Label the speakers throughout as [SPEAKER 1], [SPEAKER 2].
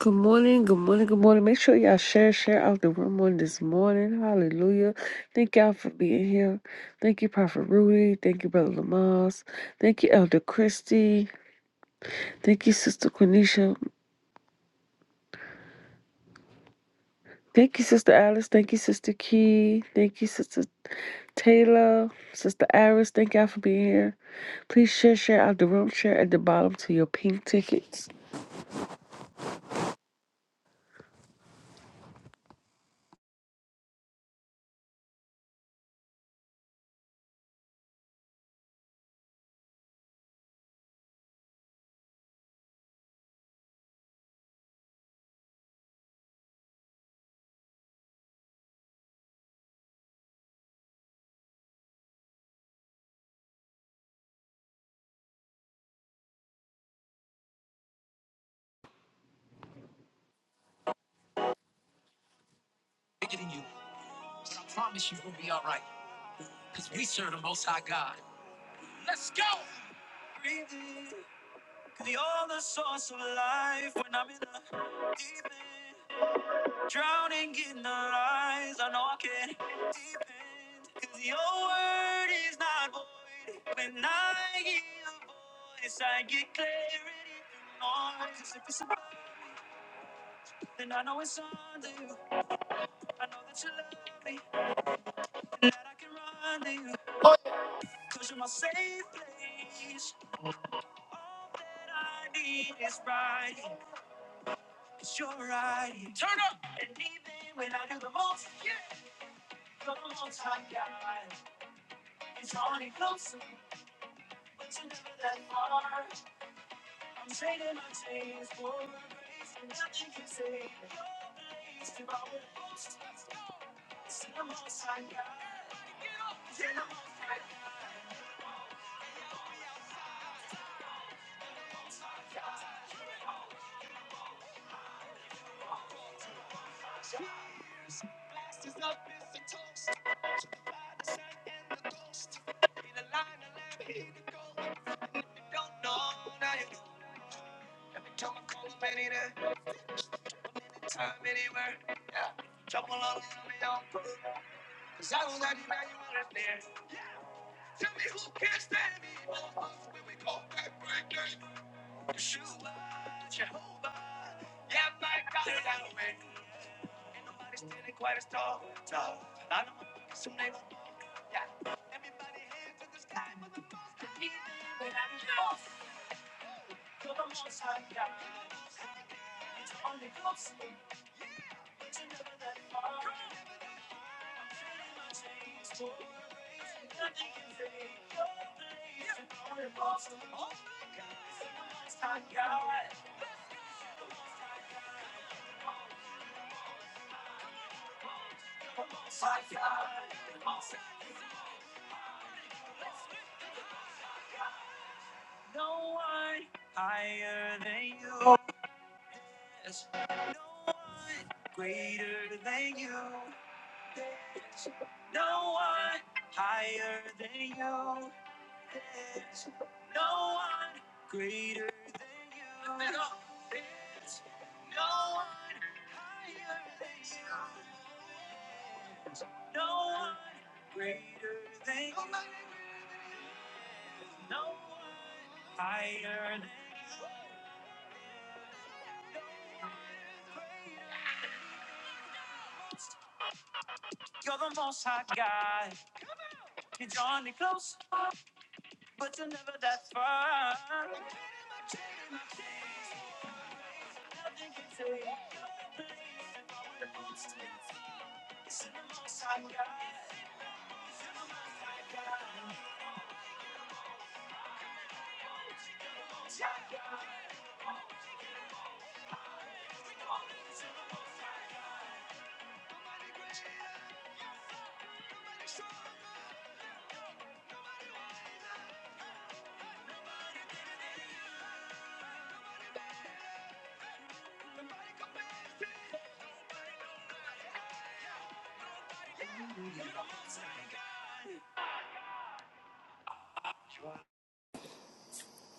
[SPEAKER 1] Good morning, good morning, good morning. Make sure y'all share, share out the room on this morning. Hallelujah. Thank y'all for being here. Thank you, Prophet Rudy. Thank you, Brother Lamas. Thank you, Elder Christie. Thank you, Sister Quenisha. Thank you, Sister Alice. Thank you, Sister Key. Thank you, Sister Taylor. Sister Iris. Thank y'all for being here. Please share, share out the room. Share at the bottom to your pink tickets.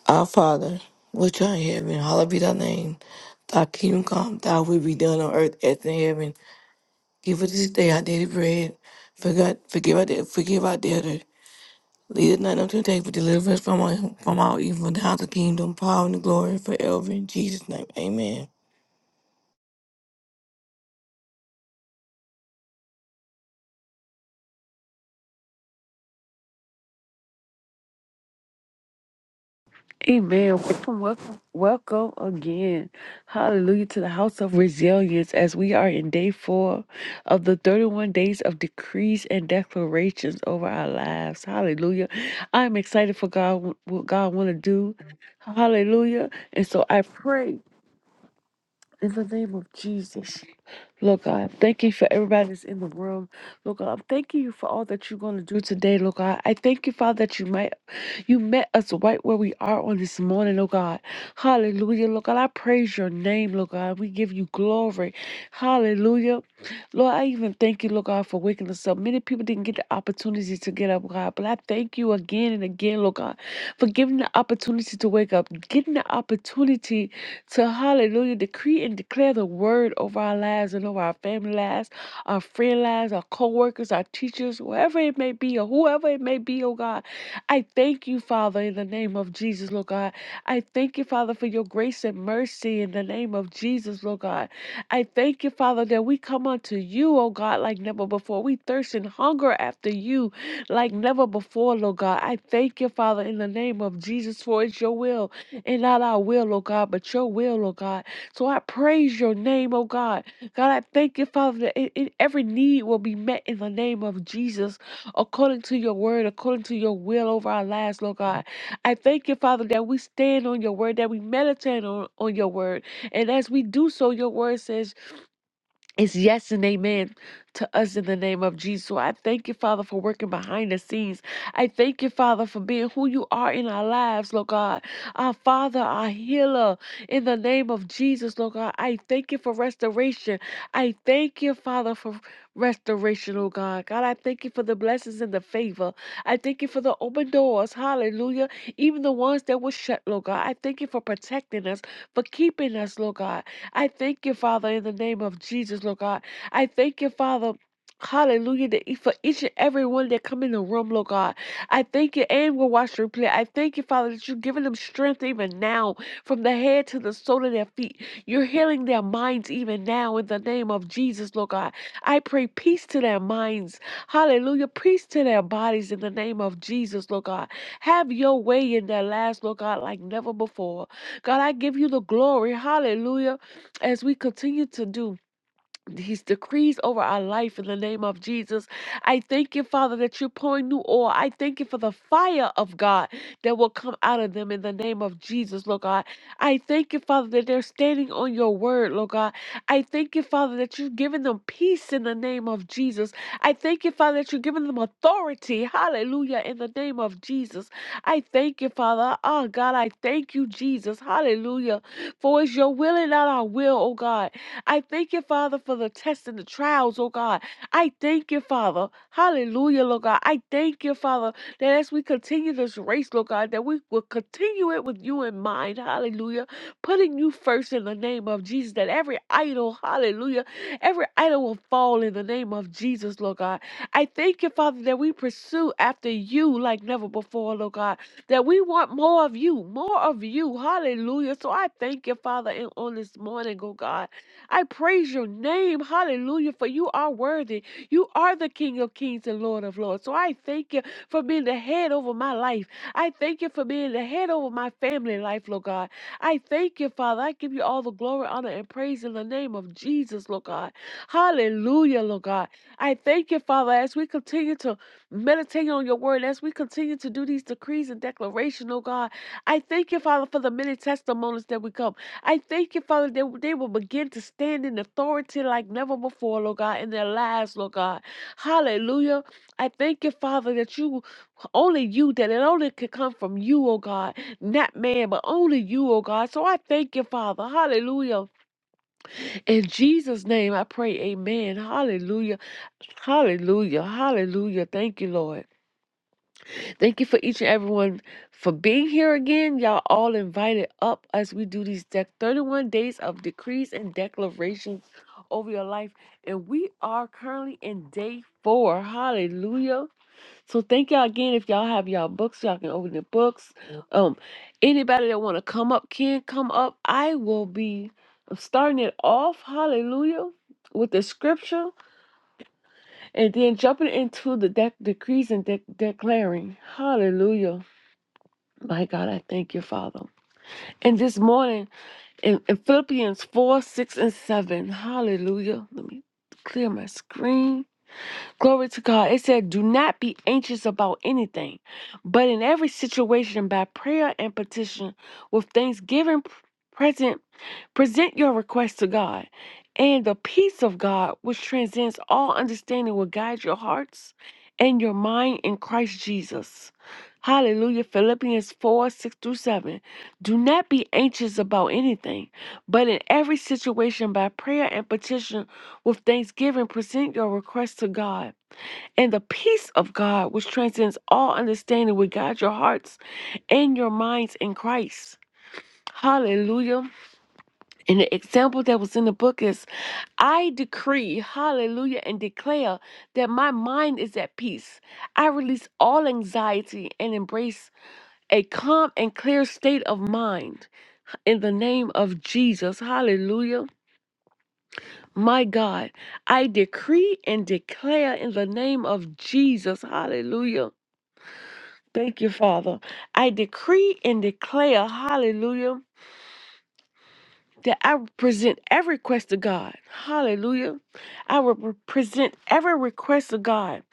[SPEAKER 2] Our Father, which art in heaven, hallowed be thy name. Thy kingdom come, thy will be done on earth as in heaven. Give us this day our daily bread. Forget, forgive, our, debt- forgive our debtor. Lead us not into temptation, but deliver us from, our, from all evil. Thou art the kingdom, power, and the glory forever. In Jesus' name, amen.
[SPEAKER 1] Amen. Welcome, welcome, welcome again. Hallelujah to the house of resilience as we are in day four of the 31 days of decrees and declarations over our lives. Hallelujah. I'm excited for God, what God want to do. Hallelujah. And so I pray in the name of Jesus. Lord God, I'm thanking you for everybody that's in the room. Lord God, I'm thanking you for all that you're going to do today, Lord God. I thank you, Father, that you might you met us right where we are on this morning, oh God. Hallelujah. Lord God, I praise your name, Lord God. We give you glory. Hallelujah. Lord, I even thank you, Lord God, for waking us up. Many people didn't get the opportunity to get up, God, but I thank you again and again, Lord God, for giving the opportunity to wake up, getting the opportunity to hallelujah, decree and declare the word over our lives and over our family lives, our friend lives, our co workers, our teachers, wherever it may be, or whoever it may be, oh God. I thank you, Father, in the name of Jesus, Lord God. I thank you, Father, for your grace and mercy in the name of Jesus, Lord God. I thank you, Father, that we come unto you, oh God, like never before. We thirst and hunger after you like never before, Lord God. I thank you, Father, in the name of Jesus, for it's your will and not our will, oh God, but your will, oh God. So I praise your name, oh God. God, I thank you, Father, that in, in every need will be met in the name of Jesus, according to your word, according to your will over our lives, Lord God. I thank you, Father, that we stand on your word, that we meditate on, on your word. And as we do so, your word says, it's yes and amen to us in the name of Jesus. So I thank you, Father, for working behind the scenes. I thank you, Father, for being who you are in our lives, Lord God. Our Father, our healer, in the name of Jesus, Lord God. I thank you for restoration. I thank you, Father, for restoration, oh God. God, I thank you for the blessings and the favor. I thank you for the open doors, hallelujah. Even the ones that were shut, Lord God. I thank you for protecting us, for keeping us, Lord God. I thank you, Father, in the name of Jesus, Lord God. I thank you, Father. Hallelujah. That e- for each and every one that come in the room, Lord God. I thank you and will watch the replay. I thank you, Father, that you're giving them strength even now, from the head to the sole of their feet. You're healing their minds even now in the name of Jesus, Lord God. I pray peace to their minds. Hallelujah. Peace to their bodies in the name of Jesus, Lord God. Have your way in their lives, Lord God, like never before. God, I give you the glory. Hallelujah as we continue to do these decrees over our life in the name of Jesus. I thank you, Father, that you're pouring new oil. I thank you for the fire of God that will come out of them in the name of Jesus, Lord God. I thank you, Father, that they're standing on your word, Lord God. I thank you, Father, that you're giving them peace in the name of Jesus. I thank you, Father, that you're giving them authority. Hallelujah, in the name of Jesus. I thank you, Father. Oh, God, I thank you, Jesus. Hallelujah. For it's your will and not our will, oh God. I thank you, Father, for the tests and the trials, oh God. I thank you, Father. Hallelujah, Lord God. I thank you, Father, that as we continue this race, Lord God, that we will continue it with you in mind. Hallelujah. Putting you first in the name of Jesus, that every idol, hallelujah, every idol will fall in the name of Jesus, Lord God. I thank you, Father, that we pursue after you like never before, Lord God, that we want more of you, more of you. Hallelujah. So I thank you, Father, and on this morning, oh God. I praise your name. Hallelujah. For you are worthy. You are the King of kings and Lord of lords. So I thank you for being the head over my life. I thank you for being the head over my family life, Lord God. I thank you, Father. I give you all the glory, honor, and praise in the name of Jesus, Lord God. Hallelujah, Lord God. I thank you, Father, as we continue to meditate on your word, as we continue to do these decrees and declaration, Lord God. I thank you, Father, for the many testimonies that will come. I thank you, Father, that they will begin to stand in authority like never before, Lord God, in their lives, Lord God. Hallelujah. I thank you, Father, that you only you, that it only could come from you, oh God, not man, but only you, oh God. So I thank you, Father. Hallelujah. In Jesus' name I pray, Amen. Hallelujah. Hallelujah. Hallelujah. Thank you, Lord. Thank you for each and everyone for being here again. Y'all all invited up as we do these dec 31 days of decrees and declarations over your life. And we are currently in day four. Hallelujah. So thank y'all again. If y'all have y'all books, y'all can open the books. Um, anybody that wanna come up can come up. I will be starting it off, hallelujah, with the scripture and then jumping into the dec- decrees and dec declaring. Hallelujah. My God, I thank you, Father. And this morning in, in Philippians 4, 6, and 7, hallelujah. Let me clear my screen. Glory to God. It said, Do not be anxious about anything, but in every situation, by prayer and petition, with thanksgiving, present Present your request to God, and the peace of God, which transcends all understanding, will guide your hearts and your mind in Christ Jesus. Hallelujah. Philippians 4 6 through 7. Do not be anxious about anything, but in every situation, by prayer and petition, with thanksgiving, present your requests to God. And the peace of God, which transcends all understanding, will guide your hearts and your minds in Christ. Hallelujah. And the example that was in the book is I decree, hallelujah, and declare that my mind is at peace. I release all anxiety and embrace a calm and clear state of mind in the name of Jesus. Hallelujah. My God, I decree and declare in the name of Jesus. Hallelujah. Thank you, Father. I decree and declare, hallelujah. that I will present every request to God. Hallelujah. I will re- present every request to God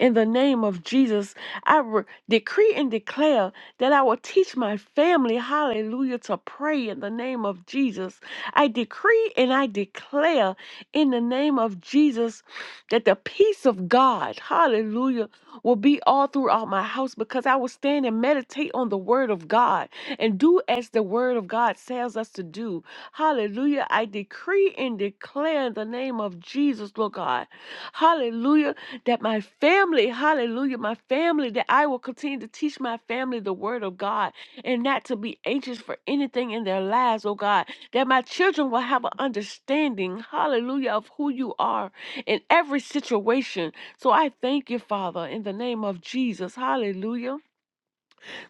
[SPEAKER 1] in the name of Jesus. I re- decree and declare that I will teach my family, hallelujah, to pray in the name of Jesus. I decree and I declare in the name of Jesus that the peace of God, hallelujah, will be all throughout my house because I will stand and meditate on the word of God and do as the word of God tells us to do. Hallelujah. I decree and declare in the name of Jesus, Lord God. Hallelujah. That my family, hallelujah, my family, that I will continue to teach my family the word of God and not to be anxious for anything in their lives, oh God. That my children will have an understanding, hallelujah, of who you are in every situation. So I thank you, Father, in the name of Jesus. Hallelujah.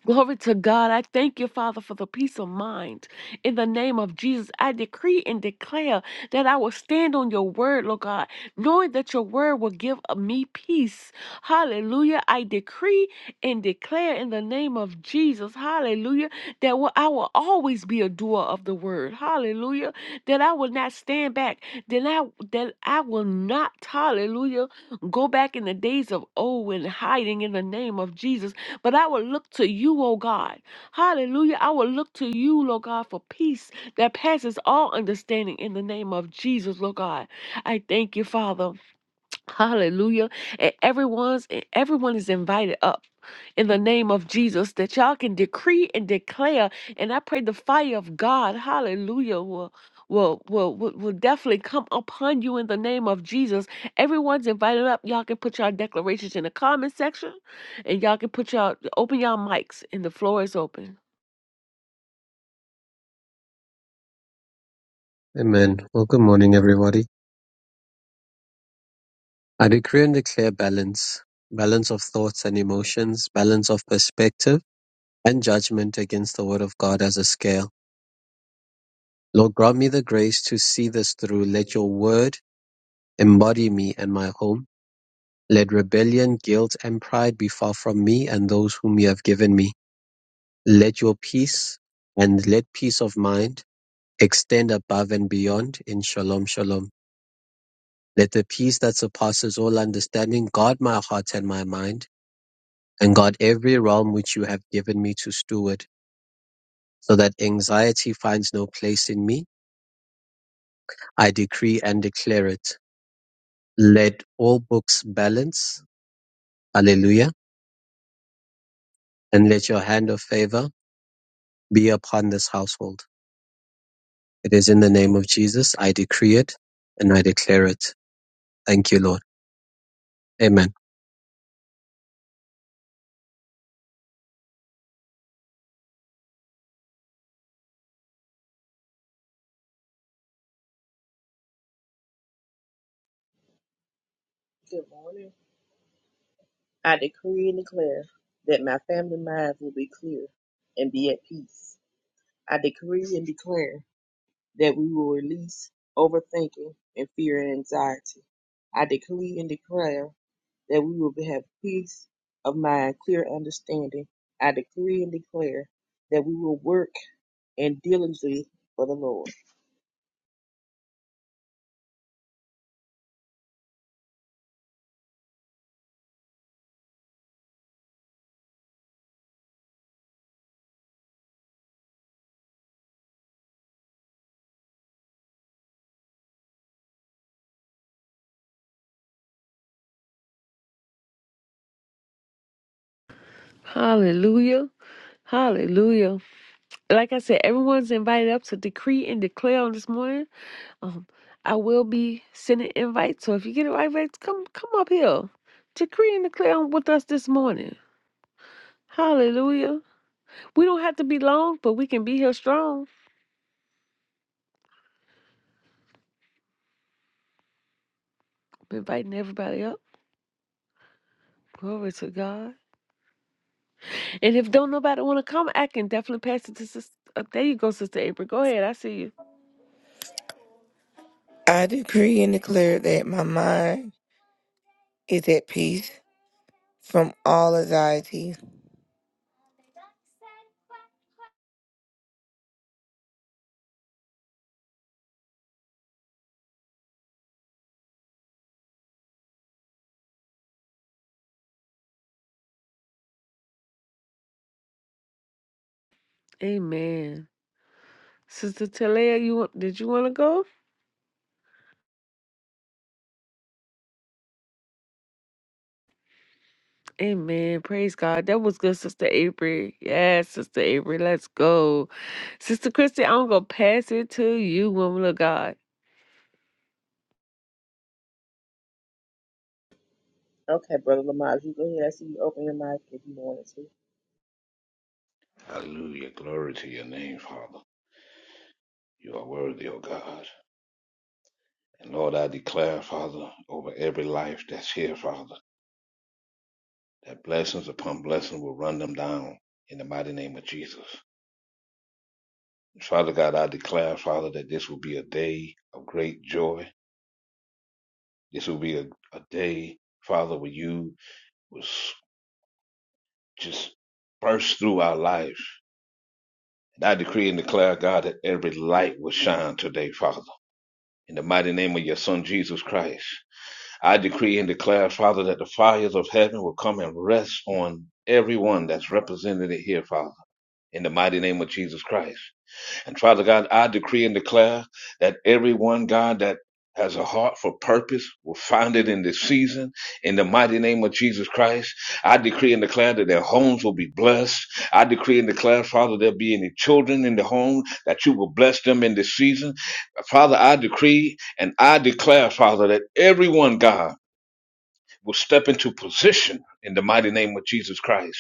[SPEAKER 1] Glory to God. I thank you, Father, for the peace of mind. In the name of Jesus, I decree and declare that I will stand on your word, Lord God, knowing that your word will give me peace. Hallelujah. I decree and declare in the name of Jesus, hallelujah, that will- I will always be a doer of the word. Hallelujah. That I will not stand back. That I, that I will not, hallelujah, go back in the days of old and hiding in the name of Jesus but I will look to you, O God. Hallelujah. I will look to you, Lord God, for peace that passes all understanding in the name of Jesus, Lord God. I thank you, Father. Hallelujah. And everyone's and everyone is invited up in the name of Jesus that y'all can decree and declare. And I pray the fire of God, hallelujah, will will will will will definitely come upon you in the name of Jesus. Everyone's invited up. Y'all can put your declarations in the comment section and y'all can put y'all open y'all mics and the floor is open.
[SPEAKER 3] Amen. Well, good morning, everybody. I decree and declare balance balance of thoughts and emotions, balance of perspective and judgment against the Word of God as a scale. Lord, grant me the grace to see this through. Let your Word embody me and my home. Let rebellion, guilt, and pride be far from me and those whom you have given me. Let your peace and let peace of mind extend above and beyond in shalom, shalom. Let the peace that surpasses all understanding guard my heart and my mind and God, every realm which you have given me to steward, so that anxiety finds no place in me. I decree and declare it. Let all books balance, hallelujah, and let your hand of favor be upon this household. It is in the name of Jesus I decree it and I declare it. Thank you, Lord. Amen.
[SPEAKER 4] Good morning. I decree and declare that my family minds will be clear and be at peace. I decree and declare that we will release overthinking and fear and anxiety. I decree and declare that we will have peace of mind, clear understanding. I decree and declare that we will work and diligently for the Lord.
[SPEAKER 1] Hallelujah. Hallelujah. like I said, everyone's invited up to decree and declare on this morning. Um, I will be sending invites, so if you get invites, come come up here, decree and declare with us this morning. Hallelujah. We don't have to be long, but we can be here strong. I'm inviting everybody up. Glory to God. And if don't nobody want to come, I can definitely pass it to sister. Uh, there you go, sister April. Go ahead. I see you.
[SPEAKER 2] I decree and declare that my mind is at peace from all anxieties
[SPEAKER 1] Amen. Sister Talea, you want? Did you want to go? Amen. Praise God. That was good, Sister Avery. Yes, Sister Avery. Let's go. Sister Christy, I'm going to pass it to you, woman of God.
[SPEAKER 4] Okay, Brother Lamar, you go ahead. I see you open your mic if you want to.
[SPEAKER 5] Hallelujah. Glory to your name, Father. You are worthy, O God. And Lord, I declare, Father, over every life that's here, Father, that blessings upon blessings will run them down in the mighty name of Jesus. And Father God, I declare, Father, that this will be a day of great joy. This will be a, a day, Father, where you will just burst through our life. And I decree and declare, God, that every light will shine today, Father. In the mighty name of your Son, Jesus Christ. I decree and declare, Father, that the fires of heaven will come and rest on everyone that's represented here, Father, in the mighty name of Jesus Christ. And Father God, I decree and declare that everyone, God, that has a heart for purpose will find it in this season. In the mighty name of Jesus Christ, I decree and declare that their homes will be blessed. I decree and declare, Father, there'll be any children in the home that you will bless them in this season. Father, I decree and I declare, Father, that everyone, God, will step into position in the mighty name of Jesus Christ.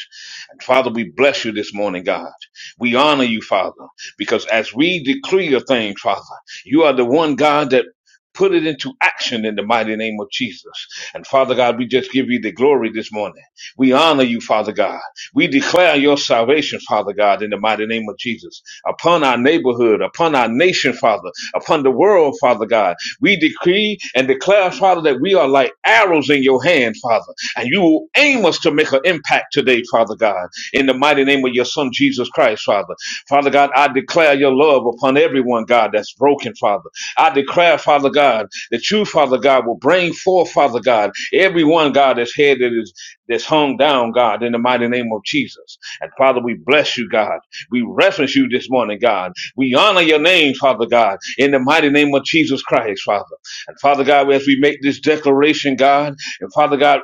[SPEAKER 5] And Father, we bless you this morning, God. We honor you, Father, because as we decree a thing, Father, you are the one God that put it into action in the mighty name of Jesus. And Father God, we just give you the glory this morning. We honor you, Father God. We declare your salvation, Father God, in the mighty name of Jesus, upon our neighborhood, upon our nation, Father, upon the world, Father God. We decree and declare, Father, that we are like arrows in your hand, Father, and you will aim us to make an impact today, Father God, in the mighty name of your Son, Jesus Christ, Father. Father God, I declare your love upon everyone, God, that's broken, Father. I declare, Father God, that you, Father God, will bring forth, Father God, everyone, God, that's head that is that's hung down, God, in the mighty name of Jesus. And Father, we bless you, God. We reference you this morning, God. We honor your name, Father God, in the mighty name of Jesus Christ, Father. And Father God, as we make this declaration, God, and Father God,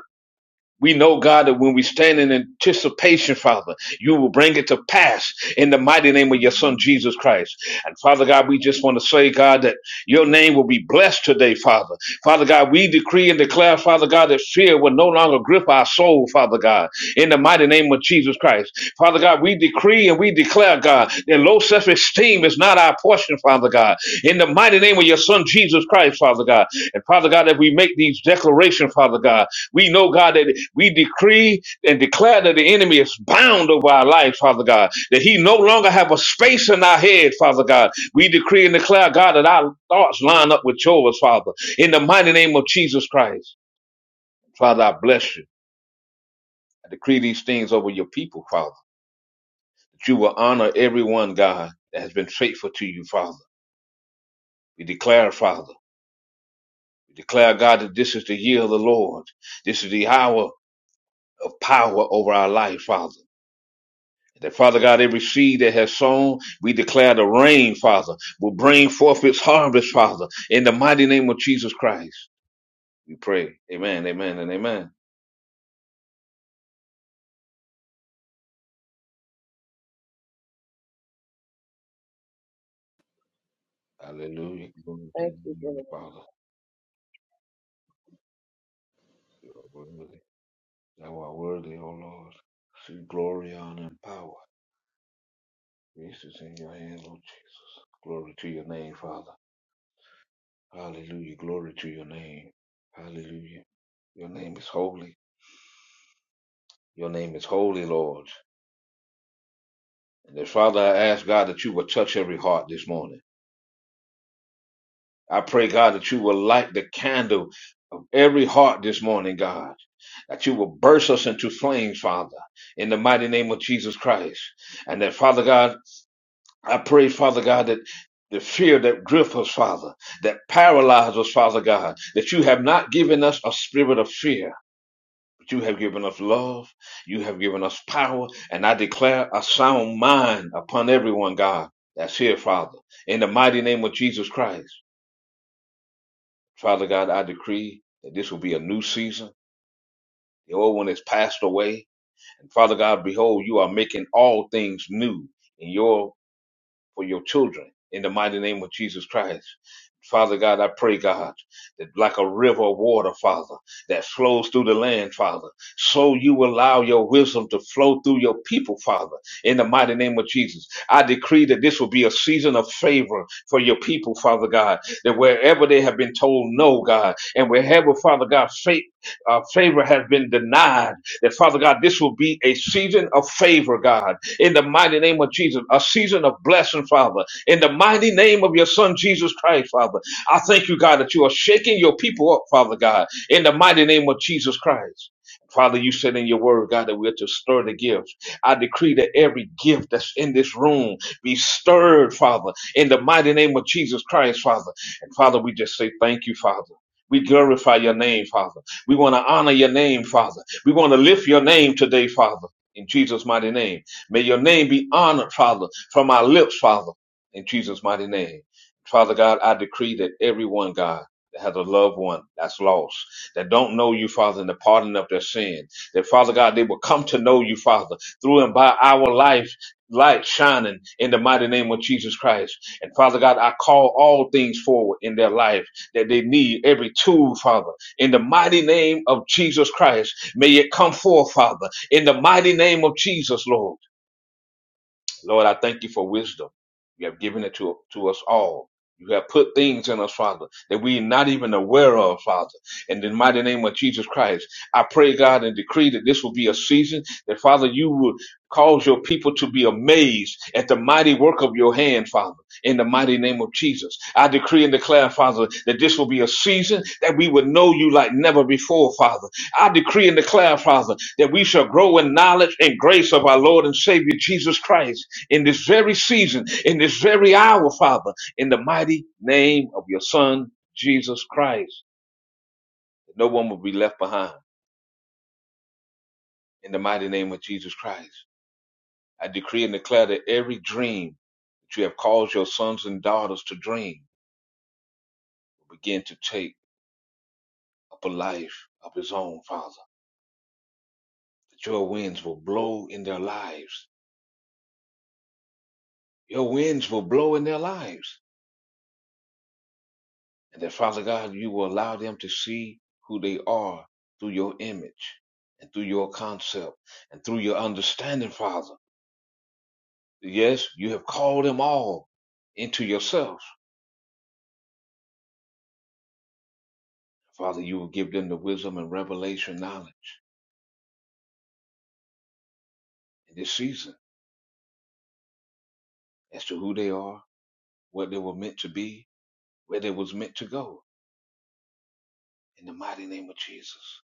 [SPEAKER 5] we know, God, that when we stand in anticipation, Father, you will bring it to pass in the mighty name of your Son, Jesus Christ. And Father God, we just want to say, God, that your name will be blessed today, Father. Father God, we decree and declare, Father God, that fear will no longer grip our soul, Father God, in the mighty name of Jesus Christ. Father God, we decree and we declare, God, that low self esteem is not our portion, Father God. In the mighty name of your Son, Jesus Christ, Father God. And Father God, that we make these declarations, Father God. We know, God, that we decree and declare that the enemy is bound over our lives, Father God. That he no longer have a space in our head, Father God. We decree and declare, God, that our thoughts line up with yours, Father. In the mighty name of Jesus Christ, Father, I bless you. I decree these things over your people, Father. you will honor everyone, God, that has been faithful to you, Father. We declare, Father, we declare, God, that this is the year of the Lord. This is the hour of power over our life, Father. That Father God, every seed that has sown, we declare the rain, Father, will bring forth its harvest, Father, in the mighty name of Jesus Christ. We pray. Amen, amen, and amen. Hallelujah. Glory to
[SPEAKER 4] Thank
[SPEAKER 5] you,
[SPEAKER 4] you, Brother.
[SPEAKER 5] Father. You are worthy. Thou art worthy, O Lord. See glory, honor, and power. This is in your hand, Lord Jesus. Glory to your name, Father. Hallelujah. Glory to your name. Hallelujah. Your name is holy. Your name is holy, Lord. And then, Father, I ask God that you will touch every heart this morning. I pray, God, that you will light the candle of every heart this morning, God. That you will burst us into flames, Father, in the mighty name of Jesus Christ. And that, Father God, I pray, Father God, that the fear that gripped us, Father, that paralyzed us, Father God, that you have not given us a spirit of fear, but you have given us love, you have given us power, and I declare a sound mind upon everyone, God, that's here, Father. In the mighty name of Jesus Christ, Father God, I decree that this will be a new season. The old one has passed away. And Father God, behold, you are making all things new. in Your. for your children in the mighty name of Jesus Christ. Father God, I pray, God, that like a river of water, Father, that flows through the land, Father, so you allow your wisdom to flow through your people, Father, in the mighty name of Jesus. I decree that this will be a season of favor for your people, Father God, that wherever they have been told no, God, and wherever, Father God, faith, uh, favor has been denied, that Father God, this will be a season of favor, God, in the mighty name of Jesus, a season of blessing, Father, in the mighty name of your Son, Jesus Christ, Father. I thank you, God, that you are shaking your people up, Father God, in the mighty name of Jesus Christ. Father, you said in your word, God, that we are to stir the gifts. I decree that every gift that's in this room be stirred, Father, in the mighty name of Jesus Christ, Father. And Father, we just say thank you, Father. We glorify your name, Father. We want to honor your name, Father. We want to lift your name today, Father, in Jesus' mighty name. May your name be honored, Father, from our lips, Father, in Jesus' mighty name. Father God, I decree that everyone, God, that has a loved one that's lost, that don't know you, Father, in the pardon of their sin, that Father God, they will come to know you, Father, through and by our life, light shining in the mighty name of Jesus Christ. And Father God, I call all things forward in their life that they need every tool, Father in the mighty name of Jesus Christ. May it come forth, Father, in the mighty name of Jesus, Lord. Lord, I thank you for wisdom. You have given it to, to us all. You have put things in us, Father, that we are not even aware of, Father. In the mighty name of Jesus Christ, I pray, God, and decree that this will be a season that, Father, you will cause your people to be amazed at the mighty work of your hand, Father, in the mighty name of Jesus. I decree and declare, Father, that this will be a season that we would know you like never before, Father I decree and declare, Father, that we shall grow in knowledge and grace of our Lord and Savior Jesus Christ in this very season, in this very hour, Father, in the mighty name of your Son, Jesus Christ. No one will be left behind. In the mighty name of Jesus Christ, I decree and declare that every dream that you have caused your sons and daughters to dream will begin to take up a life of its own, Father. That your winds will blow in their lives. Your winds will blow in their lives And that, Father God, you will allow them to see who they are through your image and through your concept and through your understanding, Father. Yes, you have called them all into yourself. Father, you will give them the wisdom and revelation knowledge in this season as to who they are, what they were meant to be, where they was meant to go. In the mighty name of Jesus,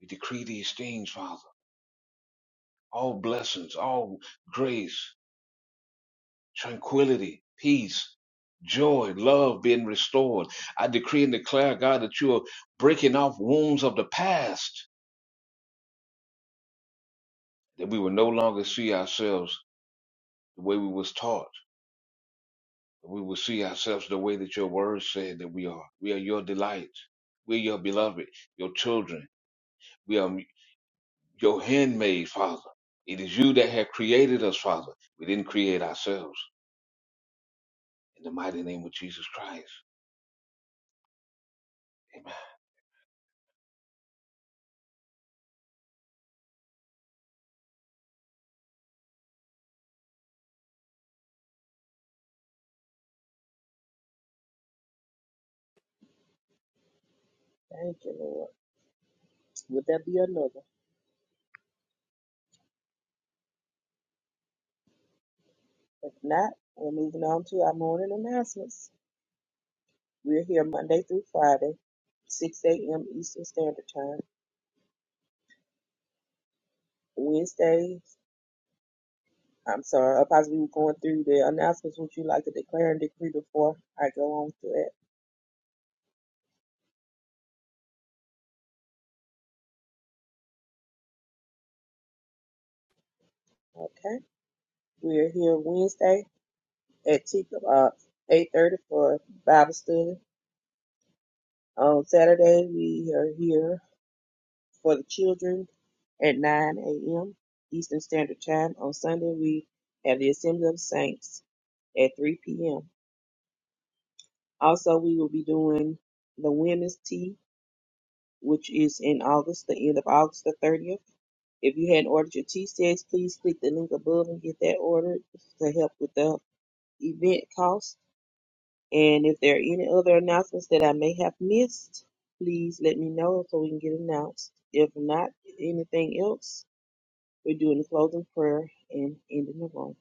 [SPEAKER 5] we decree these things, Father. All blessings, all grace, tranquility, peace, joy, love being restored. I decree and declare, God, that you are breaking off wounds of the past, that we will no longer see ourselves the way we was taught. that We will see ourselves the way that your word said that we are. We are your delight. We are your beloved, your children. We are your handmaid, Father. It is you that have created us, Father. We didn't create ourselves. In the mighty name of Jesus Christ.
[SPEAKER 4] Thank you, Lord. Would that be another? If not, we're moving on to our morning announcements. We're here Monday through Friday, 6 a.m. Eastern Standard Time. Wednesdays, I'm sorry, I'll possibly be going through the announcements. Would you like to declare and decree before I go on to it? Okay. We're here Wednesday at T- uh, 8.30 for Bible study. On Saturday, we are here for the children at 9 a.m. Eastern Standard Time. On Sunday, we have the Assembly of Saints at 3 p.m. Also, we will be doing the Women's Tea, which is in August, the end of August the 30th. If you hadn't ordered your tea sets, please click the link above and get that ordered to help with the event cost. And if there are any other announcements that I may have missed, please let me know so we can get announced. If not, anything else, We're doing the closing prayer and ending the room.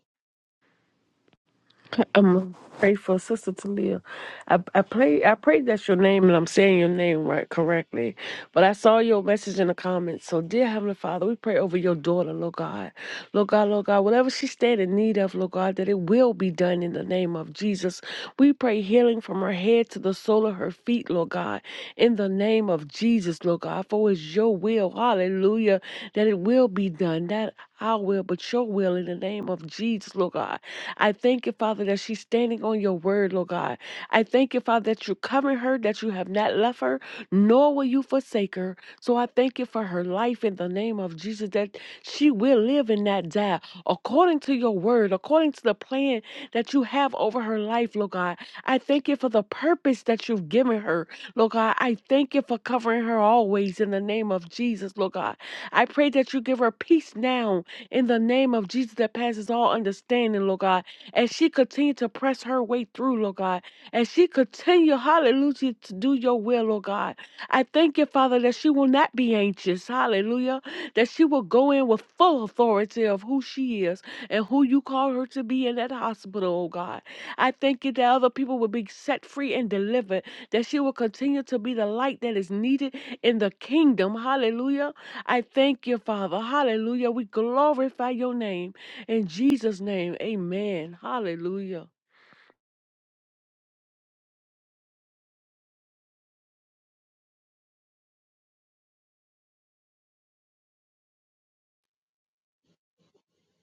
[SPEAKER 1] I'm pray for Sister Talia. I I pray I pray that's your name and I'm saying your name right correctly. But I saw your message in the comments. So dear Heavenly Father, we pray over your daughter, Lord God. Lord God, Lord God, whatever she stand in need of, Lord God, that it will be done in the name of Jesus. We pray healing from her head to the sole of her feet, Lord God, in the name of Jesus, Lord God. For it's your will, hallelujah, that it will be done. That our will, but your will in the name of Jesus, Lord God. I thank you, Father, that she's standing on your word, Lord God. I thank you, Father, that you're covering her, that you have not left her, nor will you forsake her. So I thank you for her life in the name of Jesus, that she will live and not die according to your word, according to the plan that you have over her life, Lord God. I thank you for the purpose that you've given her, Lord God. I thank you for covering her always in the name of Jesus, Lord God. I pray that you give her peace now in the name of Jesus that passes all understanding, Lord God as she continued to press her way through, Lord God, as she continued, hallelujah, to do your will, Lord God. I thank you, Father, that she will not be anxious, hallelujah, that she will go in with full authority of who she is and who you call her to be in that hospital, oh God. I thank you that other people will be set free and delivered, that she will continue to be the light that is needed in the kingdom, hallelujah. I thank you, Father, hallelujah. We glorify your name. In Jesus' name, amen. Hallelujah.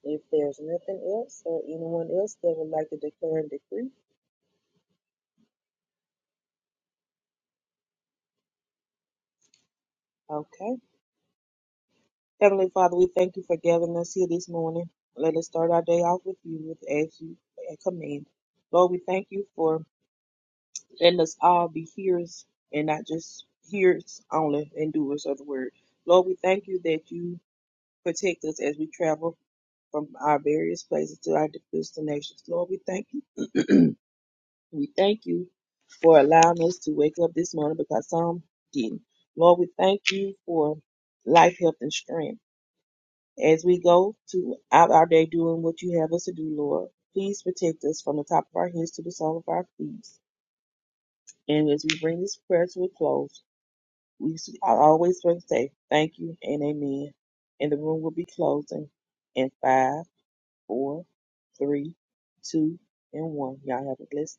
[SPEAKER 4] If there's nothing else or anyone else that would like to declare and decree, okay. Heavenly Father, we thank you for gathering us here this morning. Let us start our day off with you with as you command. Lord, we thank you for letting us all be hearers and not just hearers only and doers of the word. Lord, we thank you that you protect us as we travel from our various places to our destinations. Lord, we thank you We thank you for allowing us to wake up this morning because some didn't. Lord, we thank you for life, health, and strength. As we go to out our day doing what you have us to do, Lord, please protect us from the top of our heads to the sole of our feet. And as we bring this prayer to a close, we s- I always want to say thank you and amen. And the room will be closing in five, four, three, two, and one. Y'all have a blessed day.